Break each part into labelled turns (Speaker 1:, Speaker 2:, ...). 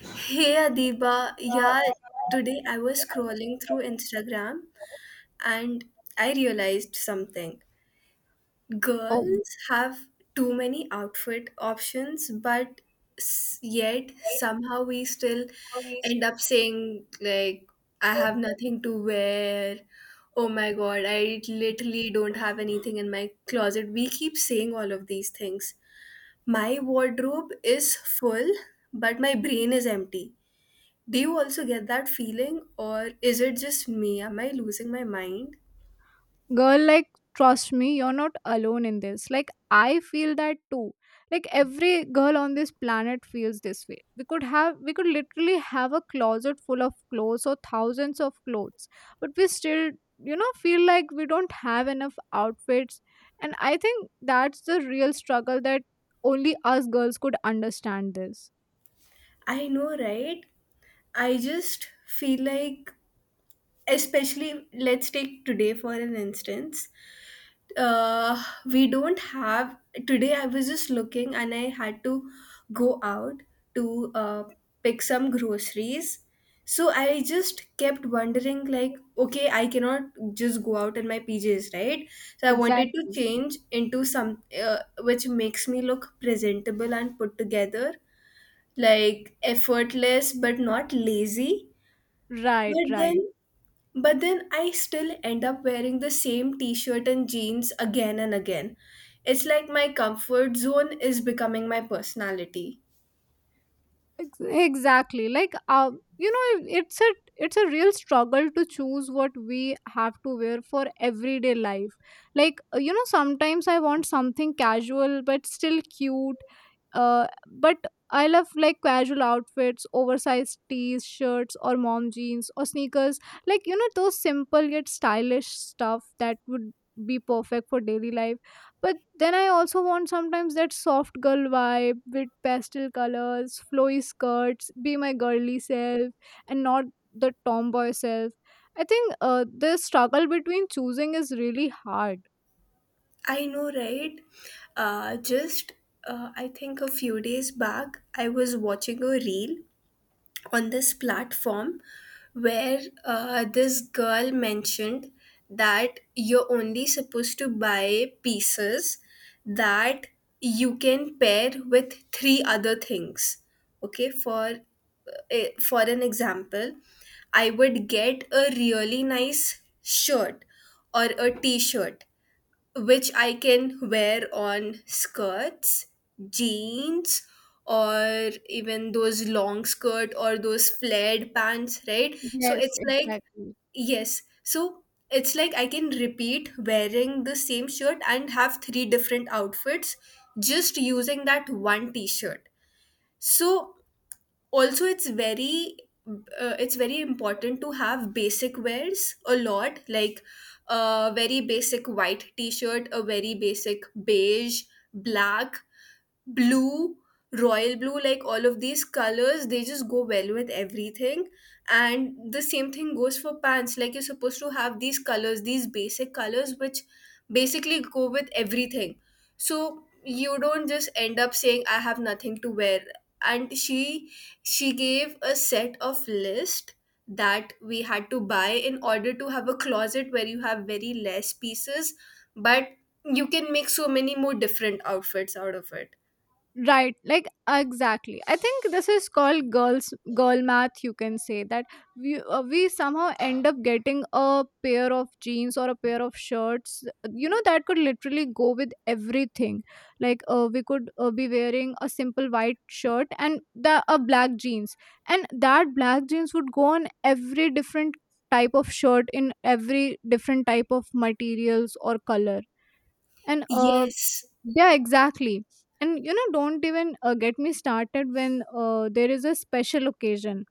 Speaker 1: Hey Adiba, yeah, today I was scrolling through Instagram and I realized something. Girls have too many outfit options, but yet somehow we still end up saying, like, I have nothing to wear. Oh my god, I literally don't have anything in my closet. We keep saying all of these things. My wardrobe is full, but my brain is empty. Do you also get that feeling, or is it just me? Am I losing my mind?
Speaker 2: Girl, like, trust me, you're not alone in this. Like, I feel that too. Like, every girl on this planet feels this way. We could literally have a closet full of clothes or thousands of clothes, but we still, feel like we don't have enough outfits. And I think that's the real struggle that only us girls could understand this.
Speaker 1: I know, right? I just feel like, especially, let's take today for an instance. We don't have. Today I was just looking and I had to go out to pick some groceries. So I just kept wondering, like, okay, I cannot just go out in my PJs, right? So I wanted to
Speaker 2: Exactly.
Speaker 1: change into some, which makes me look presentable and put together, like effortless but not lazy.
Speaker 2: Right,
Speaker 1: but then
Speaker 2: right.
Speaker 1: but then I still end up wearing the same t shirt and jeans again and again. It's like my comfort zone is becoming my personality.
Speaker 2: Exactly like, you know, it's a real struggle to choose what we have to wear for everyday life. Like, you know, sometimes I want something casual but still cute, but I love like casual outfits, oversized tees, shirts, or mom jeans or sneakers. Like, you know, those simple yet stylish stuff that would be perfect for daily life. But then I also want sometimes that soft girl vibe with pastel colors, flowy skirts, be my girly self, and not the tomboy self. I think the struggle between choosing is really hard.
Speaker 1: I know, right? Just, I think a few days back, I was watching a reel on this platform where this girl mentioned that you're only supposed to buy pieces that you can pair with three other things. Okay, for an example, I would get a really nice shirt or a t-shirt which I can wear on skirts, jeans, or even those long skirt or those flared pants, right? So
Speaker 2: Yes,
Speaker 1: it's like,
Speaker 2: exactly.
Speaker 1: yes. So it's like I can repeat wearing the same shirt and have three different outfits just using that one t shirt. So also it's very, important to have basic wears a lot, like a very basic white t-shirt, a very basic beige, black, blue, royal blue, like all of these colors, they just go well with everything. And the same thing goes for pants. Like you're supposed to have these colors, these basic colors, which basically go with everything. So you don't just end up saying, I have nothing to wear. And she gave a set of list that we had to buy in order to have a closet where you have very less pieces, but you can make so many more different outfits out of it.
Speaker 2: Right, like, exactly. I think this is called girls girl math. You can say that we somehow end up getting a pair of jeans or a pair of shirts. You know, that could literally go with everything. Like, we could be wearing a simple white shirt and the a black jeans, and that black jeans would go on every different type of shirt in every different type of materials or color. And
Speaker 1: Yes.
Speaker 2: yeah, exactly. And you know, don't even get me started when there is a special occasion.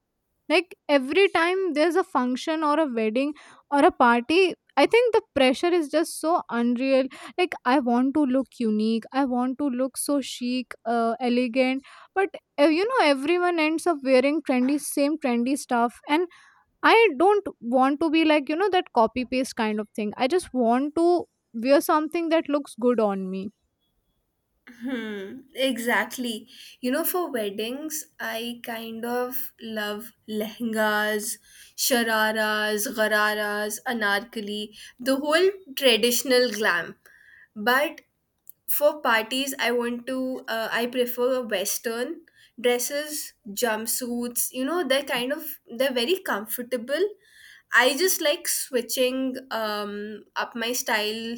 Speaker 2: Like every time there's a function or a wedding or a party, I think the pressure is just so unreal. Like, I want to look unique, I want to look so chic, elegant, but you know, everyone ends up wearing trendy, same trendy stuff, and I don't want to be like, you know, that copy paste kind of thing. I just want to wear something that looks good on me.
Speaker 1: Hmm, exactly. You know, for weddings, I kind of love lehengas, shararas, gararas, anarkali, the whole traditional glam. But for parties, I prefer Western dresses, jumpsuits. You know, they're kind of, they're very comfortable. I just like switching up my style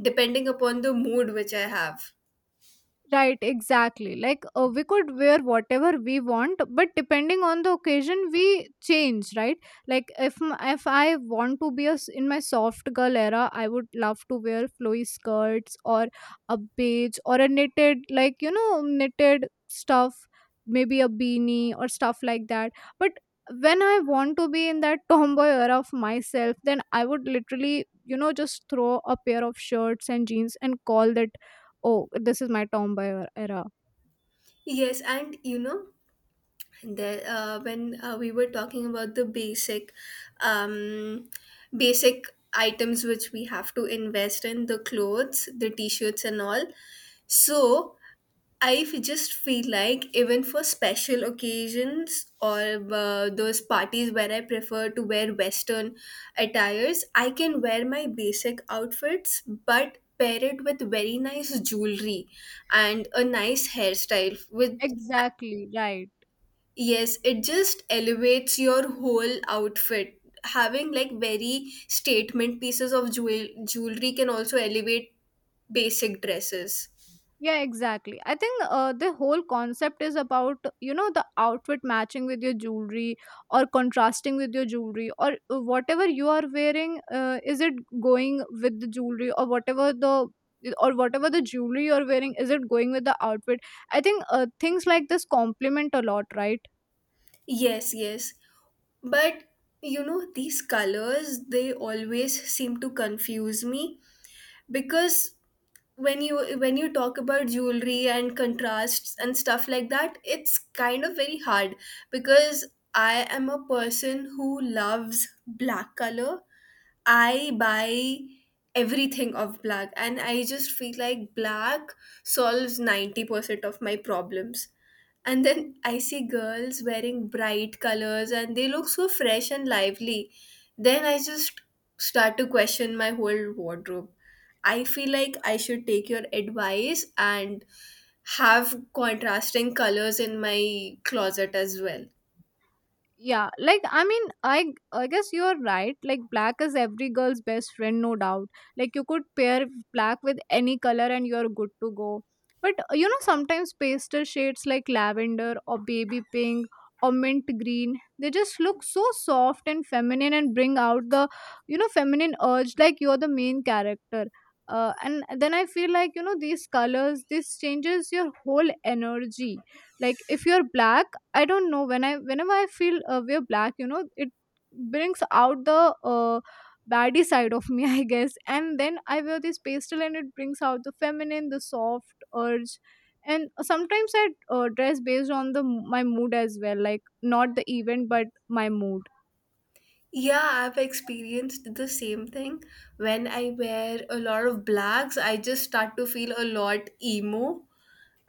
Speaker 1: depending upon the mood which I have.
Speaker 2: Right, exactly. Like, we could wear whatever we want, but depending on the occasion, we change, right? Like, if I want to be a s in my soft girl era, I would love to wear flowy skirts or a beige or a knitted, like you know, knitted stuff, maybe a beanie or stuff like that. But when I want to be in that tomboy era of myself, then I would literally, you know, just throw a pair of shirts and jeans and call that, oh, this is my tomboy era.
Speaker 1: Yes, and you know, there when we were talking about the um, basic items which we have to invest in, the clothes, the t-shirts, and all. So just feel like even for special occasions or those parties where I prefer to wear Western attires, I can wear my basic outfits, but pair it with very nice jewelry and a nice hairstyle with.
Speaker 2: Exactly, right.
Speaker 1: Yes, it just elevates your whole outfit. Having like very statement pieces of jewelry can also elevate basic dresses.
Speaker 2: Yeah, exactly. I think the whole concept is about, you know, the outfit matching with your jewelry or contrasting with your jewelry, or whatever you are wearing, is it going with the jewelry, or whatever the jewelry you're wearing, is it going with the outfit? I think things like this complement a lot, right?
Speaker 1: Yes, yes. But you know, these colors they always seem to confuse me, because when you talk about jewelry and contrasts and stuff like that, it's kind of very hard, because I am a person who loves black color. I buy everything of black and I just feel like black solves 90% of my problems. And then I see girls wearing bright colors and they look so fresh and lively. Then I just start to question my whole wardrobe. I feel like I should take your advice and have contrasting colors in my closet as well.
Speaker 2: Yeah, like, I mean I guess you're right. Like, black is every girl's best friend, no doubt. Like, you could pair black with any color and you're good to go. But you know, sometimes pastel shades like lavender or baby pink or mint green, they just look so soft and feminine and bring out the, you know, feminine urge, like you're the main character. And then I feel like, you know, these colors, this changes your whole energy. Like, if you're black, I don't know, whenever I feel we're black, you know, it brings out the baddie side of me, I guess. And then I wear this pastel, and it brings out the feminine, the soft urge. And sometimes I dress based on the my mood as well, like not the event but my mood.
Speaker 1: Yeah, I've experienced the same thing. When I wear a lot of blacks, I just start to feel a lot emo.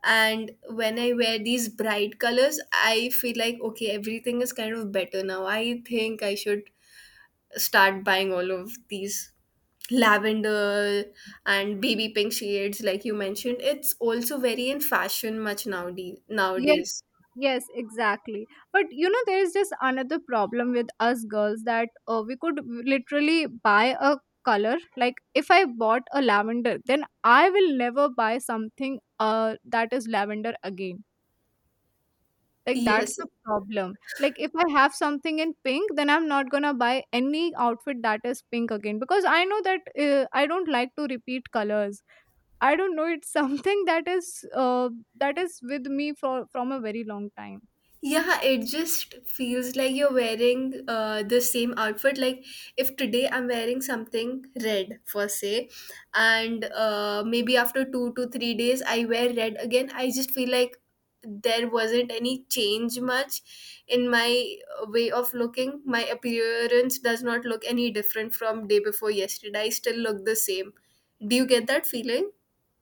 Speaker 1: And when I wear these bright colors, I feel like, okay, everything is kind of better now. I think I should start buying all of these lavender and baby pink shades, like you mentioned. It's also very in fashion much nowadays.
Speaker 2: Yeah.
Speaker 1: nowadays.
Speaker 2: Yes, exactly. But you know, there is just another problem with us girls, that we could literally buy a color. Like, if I bought a lavender, then I will never buy something that is lavender again. Like, that's
Speaker 1: Yes.
Speaker 2: the problem. Like, if I have something in pink, then I'm not gonna buy any outfit that is pink again, because I know that I don't like to repeat colors. I don't know, it's something that is with me for from a very long time.
Speaker 1: Yeah, it just feels like you're wearing the same outfit. Like, if today I'm wearing something red, for say, and maybe after 2 to 3 days I wear red again, I just feel like there wasn't any change much in my way of looking. My appearance does not look any different from day before yesterday. I still look the same. Do you get that feeling?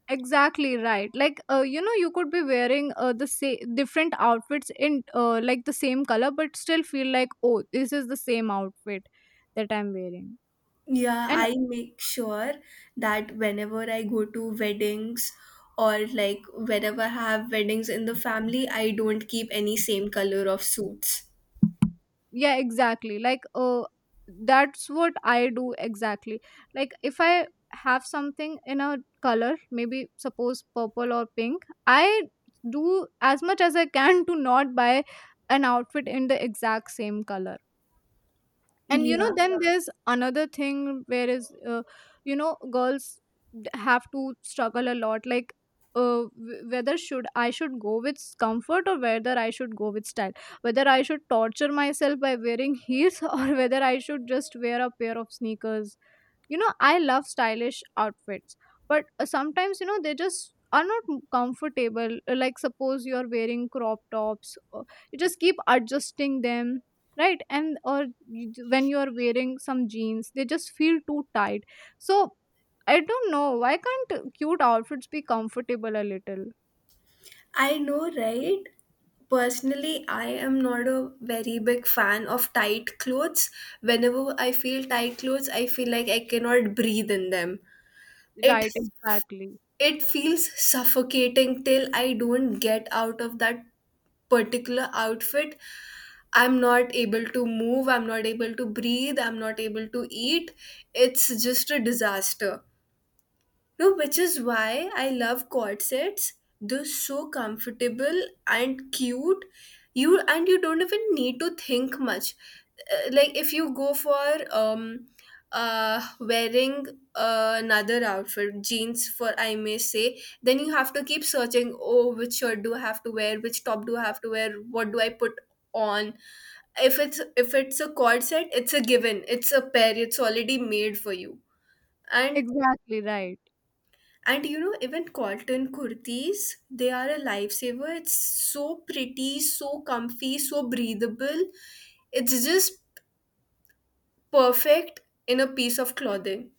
Speaker 2: Exactly, right. Like, you know, you could be wearing the different outfits in like the same color, but still feel like, oh, this is the same outfit that I'm wearing.
Speaker 1: Yeah,
Speaker 2: And
Speaker 1: I make sure that whenever I go to weddings or like whenever I have weddings in the family, I don't keep any same color of suits.
Speaker 2: yeah, exactly. Like, that's what I do, exactly. Like, if I have something in a color, maybe suppose purple or pink, I do as much as I can to not buy an outfit in the exact same color. And you know
Speaker 1: Yeah,
Speaker 2: then, yeah, there's another thing where is, you know, girls have to struggle a lot. Like, whether should go with comfort or whether I should go with style, whether I should torture myself by wearing heels or whether I should just wear a pair of sneakers. You know, I love stylish outfits, but sometimes, you know, they just are not comfortable. Like, suppose you are wearing crop tops, you just keep adjusting them, right? And or when you are wearing some jeans, they just feel too tight. So I don't know, why can't cute outfits be comfortable a little?
Speaker 1: I know, right? Personally, I am not a very big fan of tight clothes. Whenever I feel tight clothes, I feel like I cannot breathe in them. It
Speaker 2: Right, exactly.
Speaker 1: it feels suffocating till I don't get out of that particular outfit. I'm not able to move, I'm not able to breathe, I'm not able to eat. It's just a disaster. No, which is why I love corsets. They're so comfortable and cute. You and you don't even need to think much. Like if you go for wearing another outfit, jeans for I may say, then you have to keep searching, oh which shirt do I have to wear, which top do I have to wear, what do I put on. If it's a corset, it's a given. It's a pair, it's already made for you. and
Speaker 2: Exactly, right.
Speaker 1: and you know, even cotton kurtis, they are a lifesaver. It's so pretty, so comfy, so breathable. It's just perfect in a piece of clothing.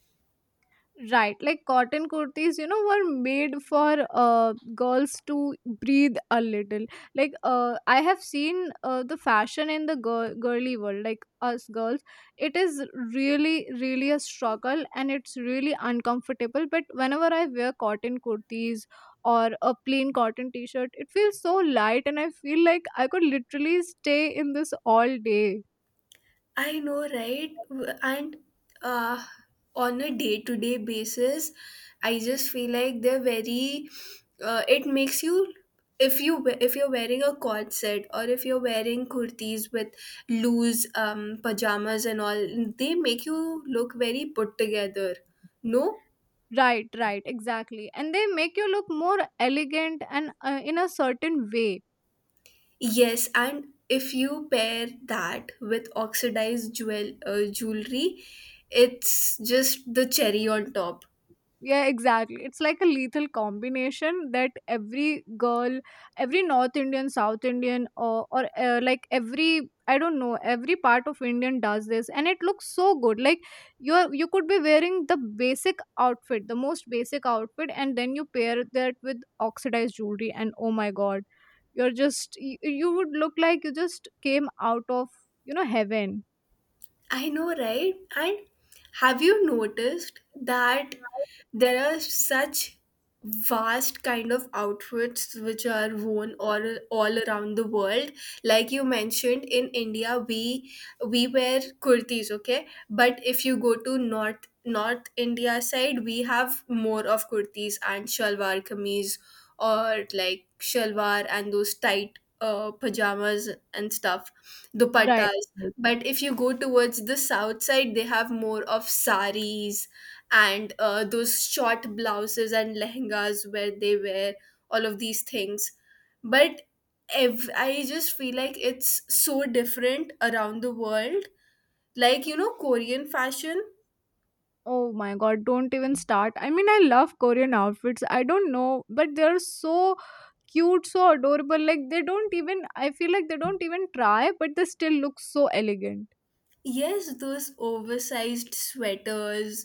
Speaker 2: Right, like cotton kurtis, you know, were made for girls to breathe a little. Like, I have seen the fashion in the girly world, like us girls, it is really, really a struggle and it's really uncomfortable. But whenever I wear cotton kurtis or a plain cotton t shirt, it feels so light and I feel like I could literally stay in this all day.
Speaker 1: I know, right? And uh, on a day to day basis, I just feel like they're very. It makes you if you're wearing a cord set or if you're wearing kurtis with loose pajamas and all, they make you look very put together. No,
Speaker 2: Right, right, exactly. And they make you look more elegant and in a certain way.
Speaker 1: yes, and if you pair that with oxidized jewelry, it's just the cherry on top.
Speaker 2: Yeah, exactly. It's like a lethal combination that every girl, every North Indian, South Indian, or like every, I don't know, every part of Indian does this, and it looks so good. Like, you could be wearing the basic outfit, the most basic outfit, and then you pair that with oxidized jewelry, and oh my god, you're just you, you would look like you just came out of, you know, heaven.
Speaker 1: I know, right? And have you noticed that there are such vast kind of outfits which are worn all around the world, like you mentioned, in India, we wear kurtis, okay, but if you go to north India side, we have more of kurtis and shalwar kameez, or like shalwar and those tight pajamas and stuff,
Speaker 2: Right.
Speaker 1: dupattas. But if you go towards the south side, they have more of saris and those short blouses and lehengas where they wear all of these things. But I just feel like it's so different around the world. Like, you know, Korean fashion.
Speaker 2: Oh my god, don't even start. I mean, I love Korean outfits. I don't know, but they're so cute, so adorable. Like, they don't even, I feel like they don't even try, but they still look so elegant.
Speaker 1: Yes, those oversized sweaters,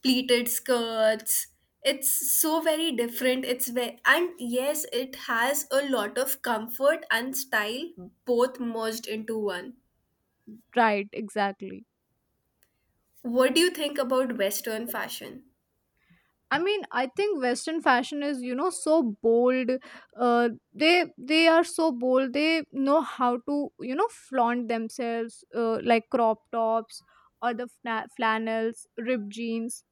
Speaker 1: pleated skirts. It's so very different. It's very, and yes, it has a lot of comfort and style both merged into one.
Speaker 2: Right, exactly.
Speaker 1: What do you think about Western fashion?
Speaker 2: I mean, I think Western fashion is, you know, so bold. They are so bold. They know how to, you know, flaunt themselves, like crop tops or the flannels, ripped jeans.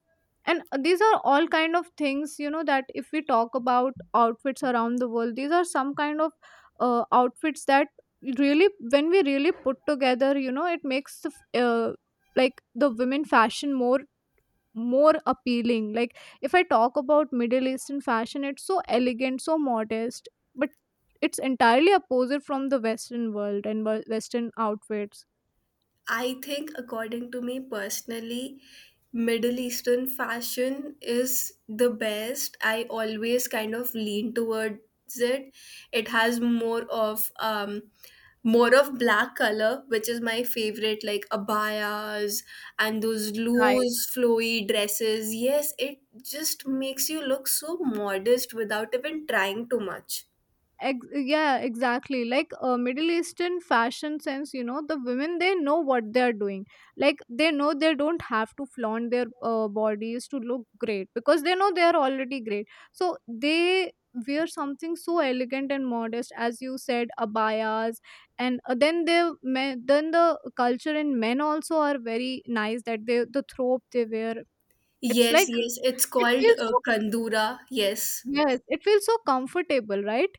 Speaker 2: And these are all kind of things, you know, that if we talk about outfits around the world, these are some kind of outfits that really, when we really put together, you know, it makes the like the women fashion more, more appealing. Like, if I talk about middle eastern fashion, it's so elegant, so modest, but it's entirely opposite from the western world and western outfits.
Speaker 1: I think, according to me personally, Middle Eastern fashion is the best. I always kind of lean towards it. It has more of black color, which is my favorite, like abayas and those
Speaker 2: Right.
Speaker 1: loose, flowy dresses. Yes, it just makes you look so modest without even trying too much.
Speaker 2: Yeah, exactly. Like, middle eastern fashion sense, you know, the women, they know what they are doing. Like, they know they don't have to flaunt their bodies to look great, because they know they are already great. So they wear something so elegant and modest, as you said, abayas. And then then the culture in men also are very nice, that they, the robe they wear, it's like
Speaker 1: Yes, yes, it's
Speaker 2: it
Speaker 1: called
Speaker 2: feels so,
Speaker 1: kandura. Yes.
Speaker 2: yes, it feels so comfortable, right?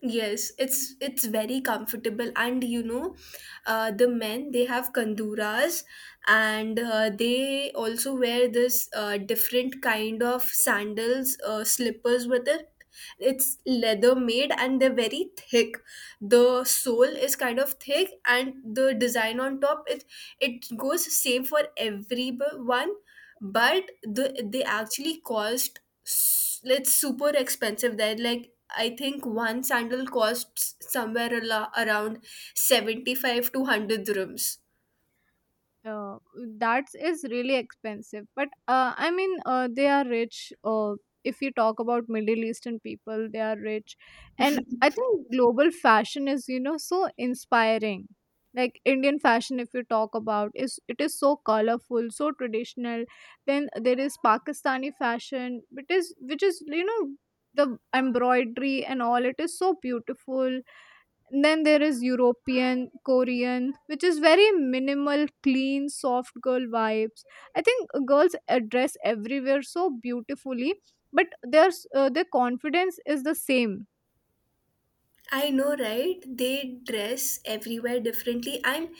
Speaker 1: Yes, it's very comfortable, and you know, the men they have kanduras, and they also wear this different kind of sandals, slippers with it. It's leather made, and they're very thick. The sole is kind of thick, and the design on top, it goes same for everyone, but they actually cost it's super expensive. They're like, I think one sandal costs somewhere around 75 to 100 dirhams.
Speaker 2: uh, that is really expensive, but I mean, they are rich. If you talk about middle eastern people, they are rich. And I think global fashion is, you know, so inspiring. Like, Indian fashion, if you talk about, is it is so colorful, so traditional. Then there is Pakistani fashion, which is you know, the embroidery and all, it is so beautiful. Then there is European, Korean, which is very minimal, clean, soft girl vibes. I think girls dress everywhere so beautifully, but their their confidence is the same.
Speaker 1: I know, right? They dress everywhere differently. I'm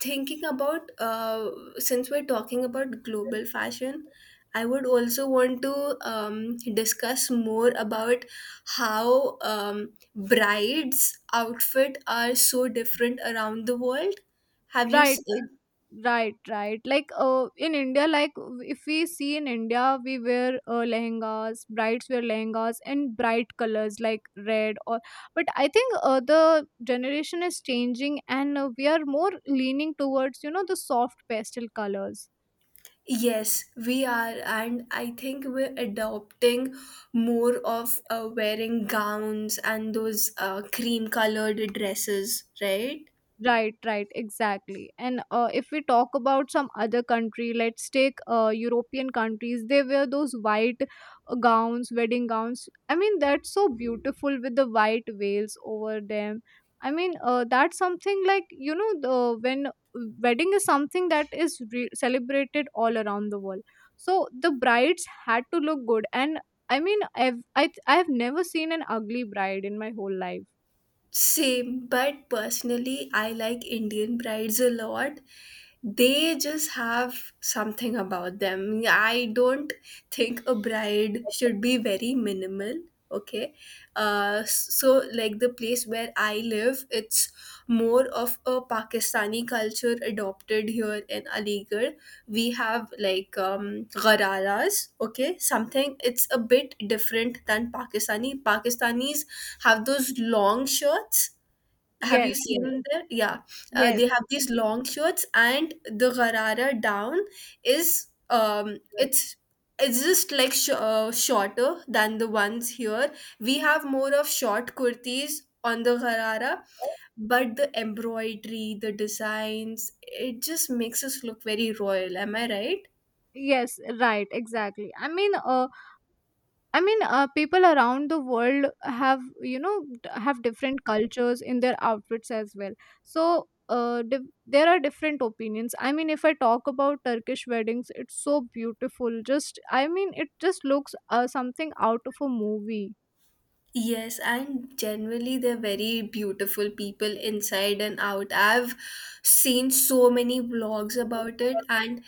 Speaker 1: thinking about, since we're talking about global fashion, I would also want to discuss more about how brides' outfit are so different around the world. Have you
Speaker 2: Right, it- right, right. Like, in India, like, if we see in India, we wear lehengas, brides wear lehengas in bright colors like red or. But I think the generation is changing, and we are more leaning towards, you know, the soft pastel colors.
Speaker 1: Yes, we are, and I think we're adopting more of wearing gowns and those cream colored dresses, right?
Speaker 2: Right, right, exactly. And if we talk about some other country, let's take European countries. They wear those white gowns, wedding gowns. I mean, that's so beautiful with the white veils over them. I mean, that's something like you know, the when wedding is something that is celebrated all around the world. So the brides had to look good, and I've never seen an ugly bride in my whole life.
Speaker 1: Same, but personally, I like Indian brides a lot. They just have something about them. I don't think a bride should be very minimal. Okay, so like the place where I live, it's more of a Pakistani culture adopted here in Aligarh. We have like ghararas. Okay, something. It's a bit different than Pakistani. Pakistanis have those long shirts. Have you
Speaker 2: Yes, yes,
Speaker 1: seen them? Yeah,
Speaker 2: yes.
Speaker 1: they have these long shirts, and the Garara down is it's just like shorter than the ones here. We have more of short kurtis on the Garara, but the embroidery, the designs, it just makes us look very royal. Am I right?
Speaker 2: Yes, right, exactly. People around the world have, have different cultures in their outfits as well. so uh, di- there are different opinions. I mean, if I talk about Turkish weddings, it's so beautiful. Just I mean, it just looks something out of a movie.
Speaker 1: Yes, and generally they're very beautiful people inside and out. I've seen so many vlogs about it. And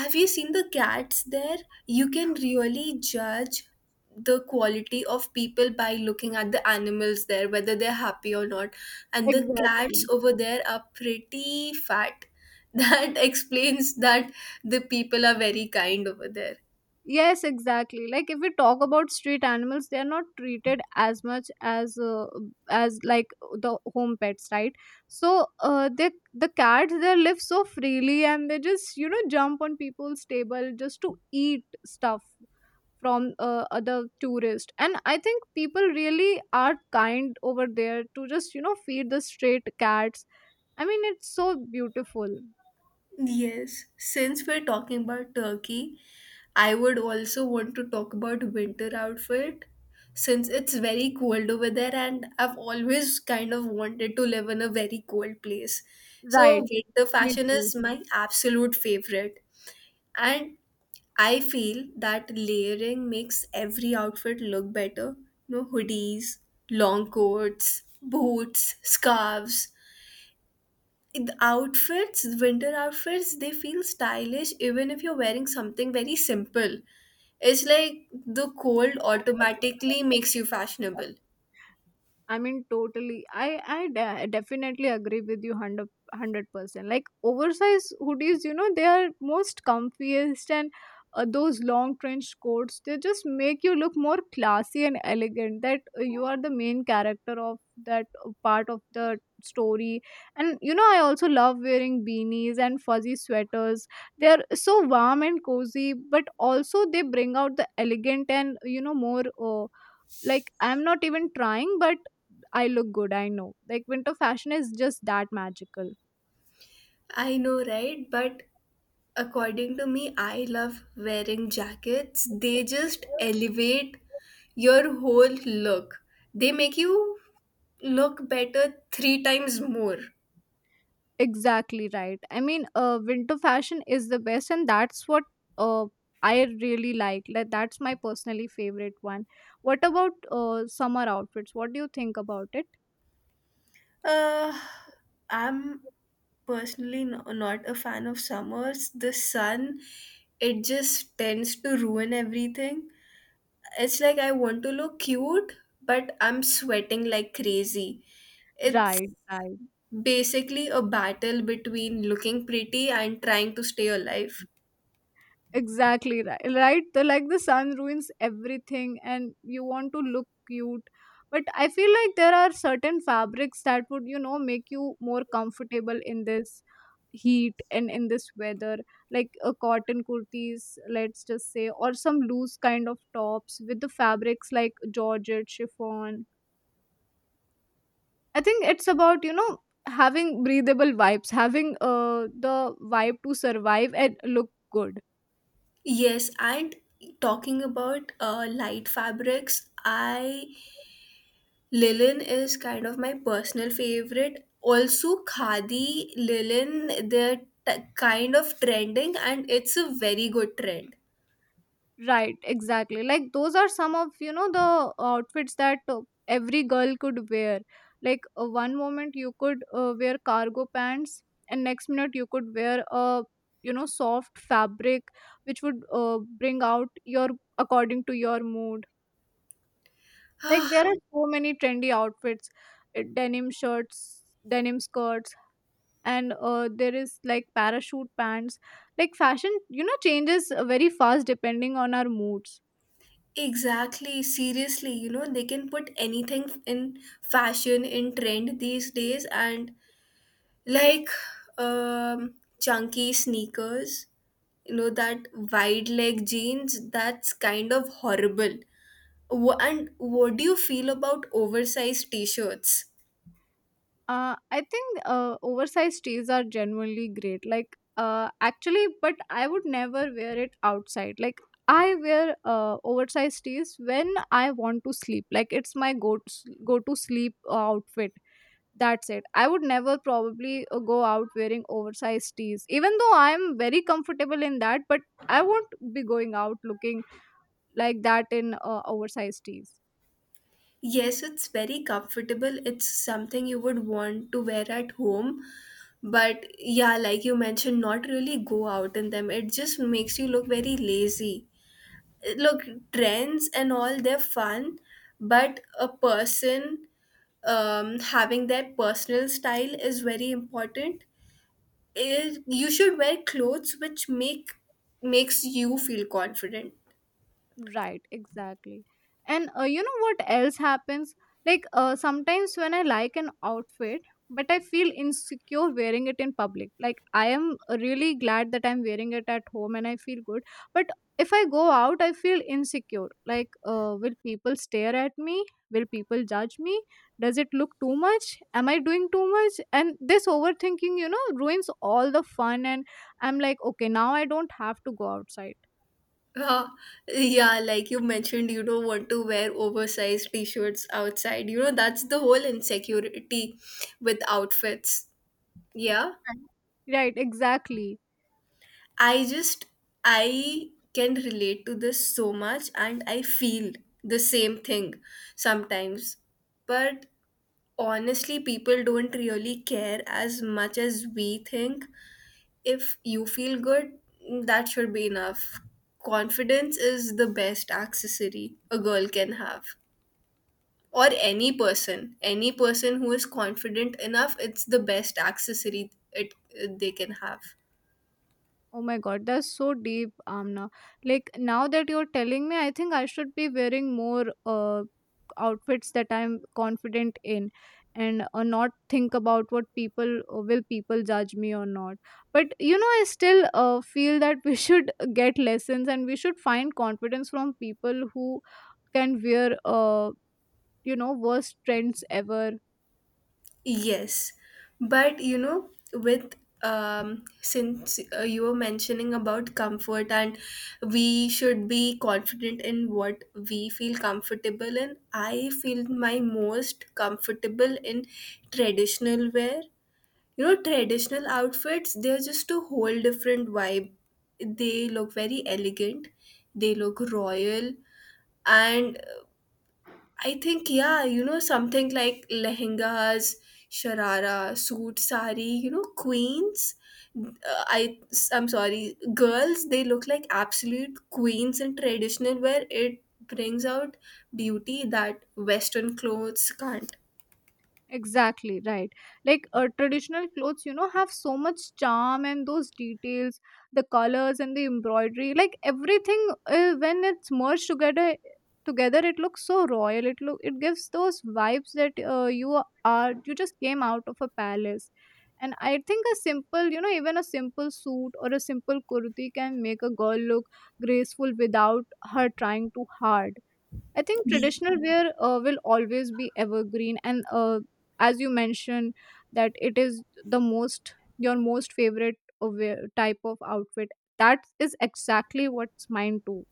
Speaker 1: have you seen the cats there? You can really judge the quality of people by looking at the animals there, whether they're happy or not. And the cats
Speaker 2: Exactly.
Speaker 1: over there are pretty fat. That explains that the people are very kind over there.
Speaker 2: Yes, exactly. Like if we talk about street animals, they are not treated as much as as like the home pets, right? The cats, they live so freely, and they just, you know, jump on people's table just to eat stuff from, other tourists. And I think people really are kind over there, to just, you know, feed the street cats. I mean, it's so beautiful,
Speaker 1: Yes, since we're talking about Turkey, I would also want to talk about winter outfit since it's very cold over there and I've always kind of wanted to live in a very cold place. So
Speaker 2: right?
Speaker 1: winter fashion is my absolute favorite. And I feel that layering makes every outfit look better. You know, hoodies, long coats, boots, scarves, the outfits, winter outfits, they feel stylish even if you're wearing something very simple. It's like the cold automatically makes you fashionable.
Speaker 2: I mean, totally. Definitely agree with you, hundred percent. Like oversized hoodies, you know, they are most comfiest, and those long trench coats. They just make you look more classy and elegant. That you are the main character of that part of the story. And you know, I also love wearing beanies and fuzzy sweaters. They are so warm and cozy, but also they bring out the elegant and, you know more. Like, I'm not even trying, but I look good, I know. Like winter fashion is just that magical.
Speaker 1: I know, right? But according to me, I love wearing jackets. They just elevate your whole look. They make you look better three times more.
Speaker 2: Exactly, right. Winter fashion is the best, and that's what uh, I really like. Like that's my personally favorite one. What about summer outfits? What do you think about it?
Speaker 1: Uh, I'm personally, no, not a fan of summers. The sun, it just tends to ruin everything. It's like I want to look cute, but I'm sweating like crazy. It's
Speaker 2: Right, right,
Speaker 1: basically a battle between looking pretty and trying to stay alive.
Speaker 2: exactly. Right, right? Like, the sun ruins everything and you want to look cute, but I feel like there are certain fabrics that would, you know, make you more comfortable in this heat and in this weather. Like a cotton kurtis, let's just say, or some loose kind of tops with the fabrics like georgette, chiffon. I think it's about, you know, having breathable vibes, having the vibe to survive and look good.
Speaker 1: Yes, and talking about light fabrics, I, linen is kind of my personal favorite. Also, khadi, linen, they're kind of trending and it's a very good trend.
Speaker 2: Right, exactly. Like those are some of, you know, the outfits that every girl could wear. Like one moment you could wear cargo pants, and next minute you could wear a, you know, soft fabric, which would, bring out your, according to your mood. Like
Speaker 1: Ah,
Speaker 2: there are so many trendy outfits, denim shirts, denim skirts, and there is like parachute pants. Like fashion, you know, changes very fast depending on our moods.
Speaker 1: exactly. Seriously, you know, they can put anything in fashion, in trend these days, and like, um, chunky sneakers, you know, that wide leg jeans, that's kind of horrible. And what do you feel about oversized t shirts?
Speaker 2: I think oversized tees are genuinely great. Like, but I would never wear it outside. Like, I wear oversized tees when I want to sleep. Like, it's my go to sleep outfit. That's it. I would never probably go out wearing oversized tees, even though I'm very comfortable in that. But I won't be going out looking like that in oversized tees.
Speaker 1: Yes, it's very comfortable. It's something you would want to wear at home. But yeah, like you mentioned, not really go out in them. It just makes you look very lazy. Look, trends and all, they're fun, but a person, having their personal style is very important. It, you should wear clothes which makes you feel confident.
Speaker 2: Right, exactly. And you know what else happens? Like sometimes when I like an outfit, but I feel insecure wearing it in public. Like, I am really glad that I'm wearing it at home and I feel good. But if I go out, I feel insecure. Like, will people stare at me? Will people judge me? Does it look too much? Am I doing too much? And this overthinking, you know, ruins all the fun. And I'm like, okay, now I don't have to go outside.
Speaker 1: Uh, yeah, like you mentioned, you don't want to wear oversized t shirts outside. You know, that's the whole insecurity with outfits. Yeah.
Speaker 2: Right, exactly.
Speaker 1: I just, I can relate to this so much and I feel the same thing sometimes. But honestly, people don't really care as much as we think. If you feel good, that should be enough. Confidence is the best accessory a girl can have. Or any person, any person who is confident enough, it's the best accessory it they can have.
Speaker 2: Oh my god, that's so deep, Amna. Like now that you're telling me, I think I should be wearing more outfits that I'm confident in, and not think about what people, will people judge me or not. But you know, I still feel that we should get lessons, and we should find confidence from people who can wear, you know, worst trends ever.
Speaker 1: Yes, but you know, with since you were mentioning about comfort and we should be confident in what we feel comfortable in, I feel my most comfortable in traditional wear. You know, traditional outfits, they're just a whole different vibe. They look very elegant, they look royal. And I think, yeah, you know, something like lehengas, sharara, suit, sari, you know, queens I I'm sorry, girls, they look like absolute queens in traditional wear. It brings out beauty that western clothes can't.
Speaker 2: Exactly, right. Like traditional clothes, you know, have so much charm, and those details, the colors and the embroidery, like everything when it's merged together it looks so royal. It gives those vibes that you just came out of a palace. And I think a simple, you know, even a simple suit or a simple kurti can make a girl look graceful without her trying too hard. I think traditional wear will always be evergreen, and as you mentioned, that it is the most, your most favorite type of outfit. That is exactly what's mine too.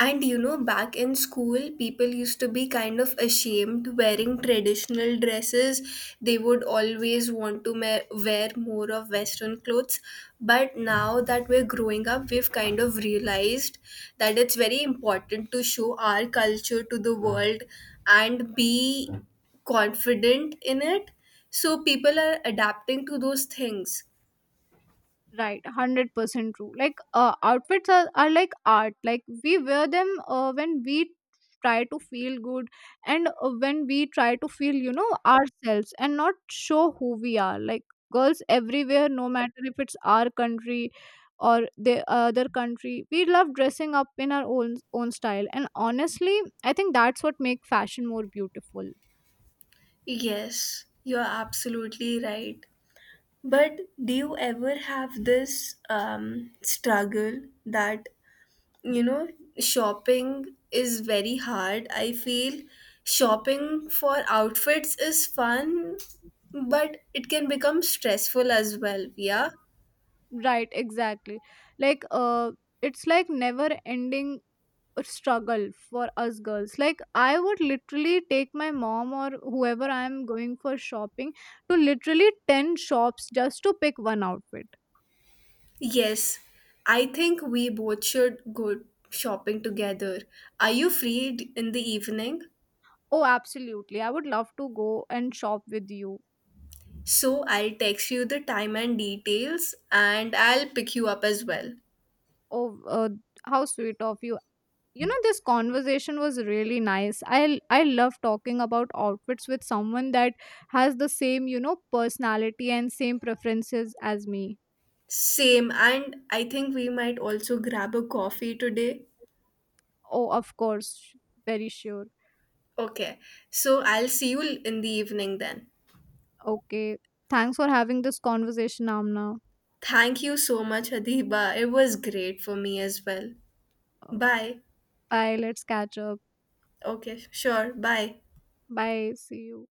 Speaker 1: And you know, back in school, people used to be kind of ashamed wearing traditional dresses. They would always want to wear more of Western clothes. But now that we're growing up, we've kind of realized that it's very important to show our culture to the world and be confident in it. So people are adapting to those things.
Speaker 2: Right, 100% true. Like, outfits are like art. Like, we wear them when we try to feel good, and when we try to feel, you know, ourselves and not show who we are. Like, girls everywhere, no matter if it's our country or the other country, we love dressing up in our own, own style. And honestly, I think that's what makes fashion more beautiful.
Speaker 1: Yes, you're absolutely right. But do you ever have this struggle that, you know, shopping is very hard? I feel shopping for outfits is fun, but it can become stressful as well. Yeah.
Speaker 2: Right, exactly. Like, it's like never ending struggle for us girls. Like I would literally take my mom or whoever I am going for shopping to literally 10 shops just to pick one outfit.
Speaker 1: Yes. I think we both should go shopping together. Are you free in the evening?
Speaker 2: Oh, absolutely, I would love to go and shop with you.
Speaker 1: So I'll text you the time and details and I'll pick you up as well.
Speaker 2: Oh, how sweet of you. You know, this conversation was really nice. I love talking about outfits with someone that has the same, you know, personality and same preferences as me.
Speaker 1: Same, and I think we might also grab a coffee today.
Speaker 2: Oh, of course, very sure.
Speaker 1: Okay, so I'll see you in the evening then.
Speaker 2: Okay. Thanks for having this conversation, Amna.
Speaker 1: Thank you so much, Adiba. It was great for me as well.
Speaker 2: Uh,
Speaker 1: Bye.
Speaker 2: Bye. Let's catch up.
Speaker 1: Okay, sure. Bye.
Speaker 2: Bye. See you.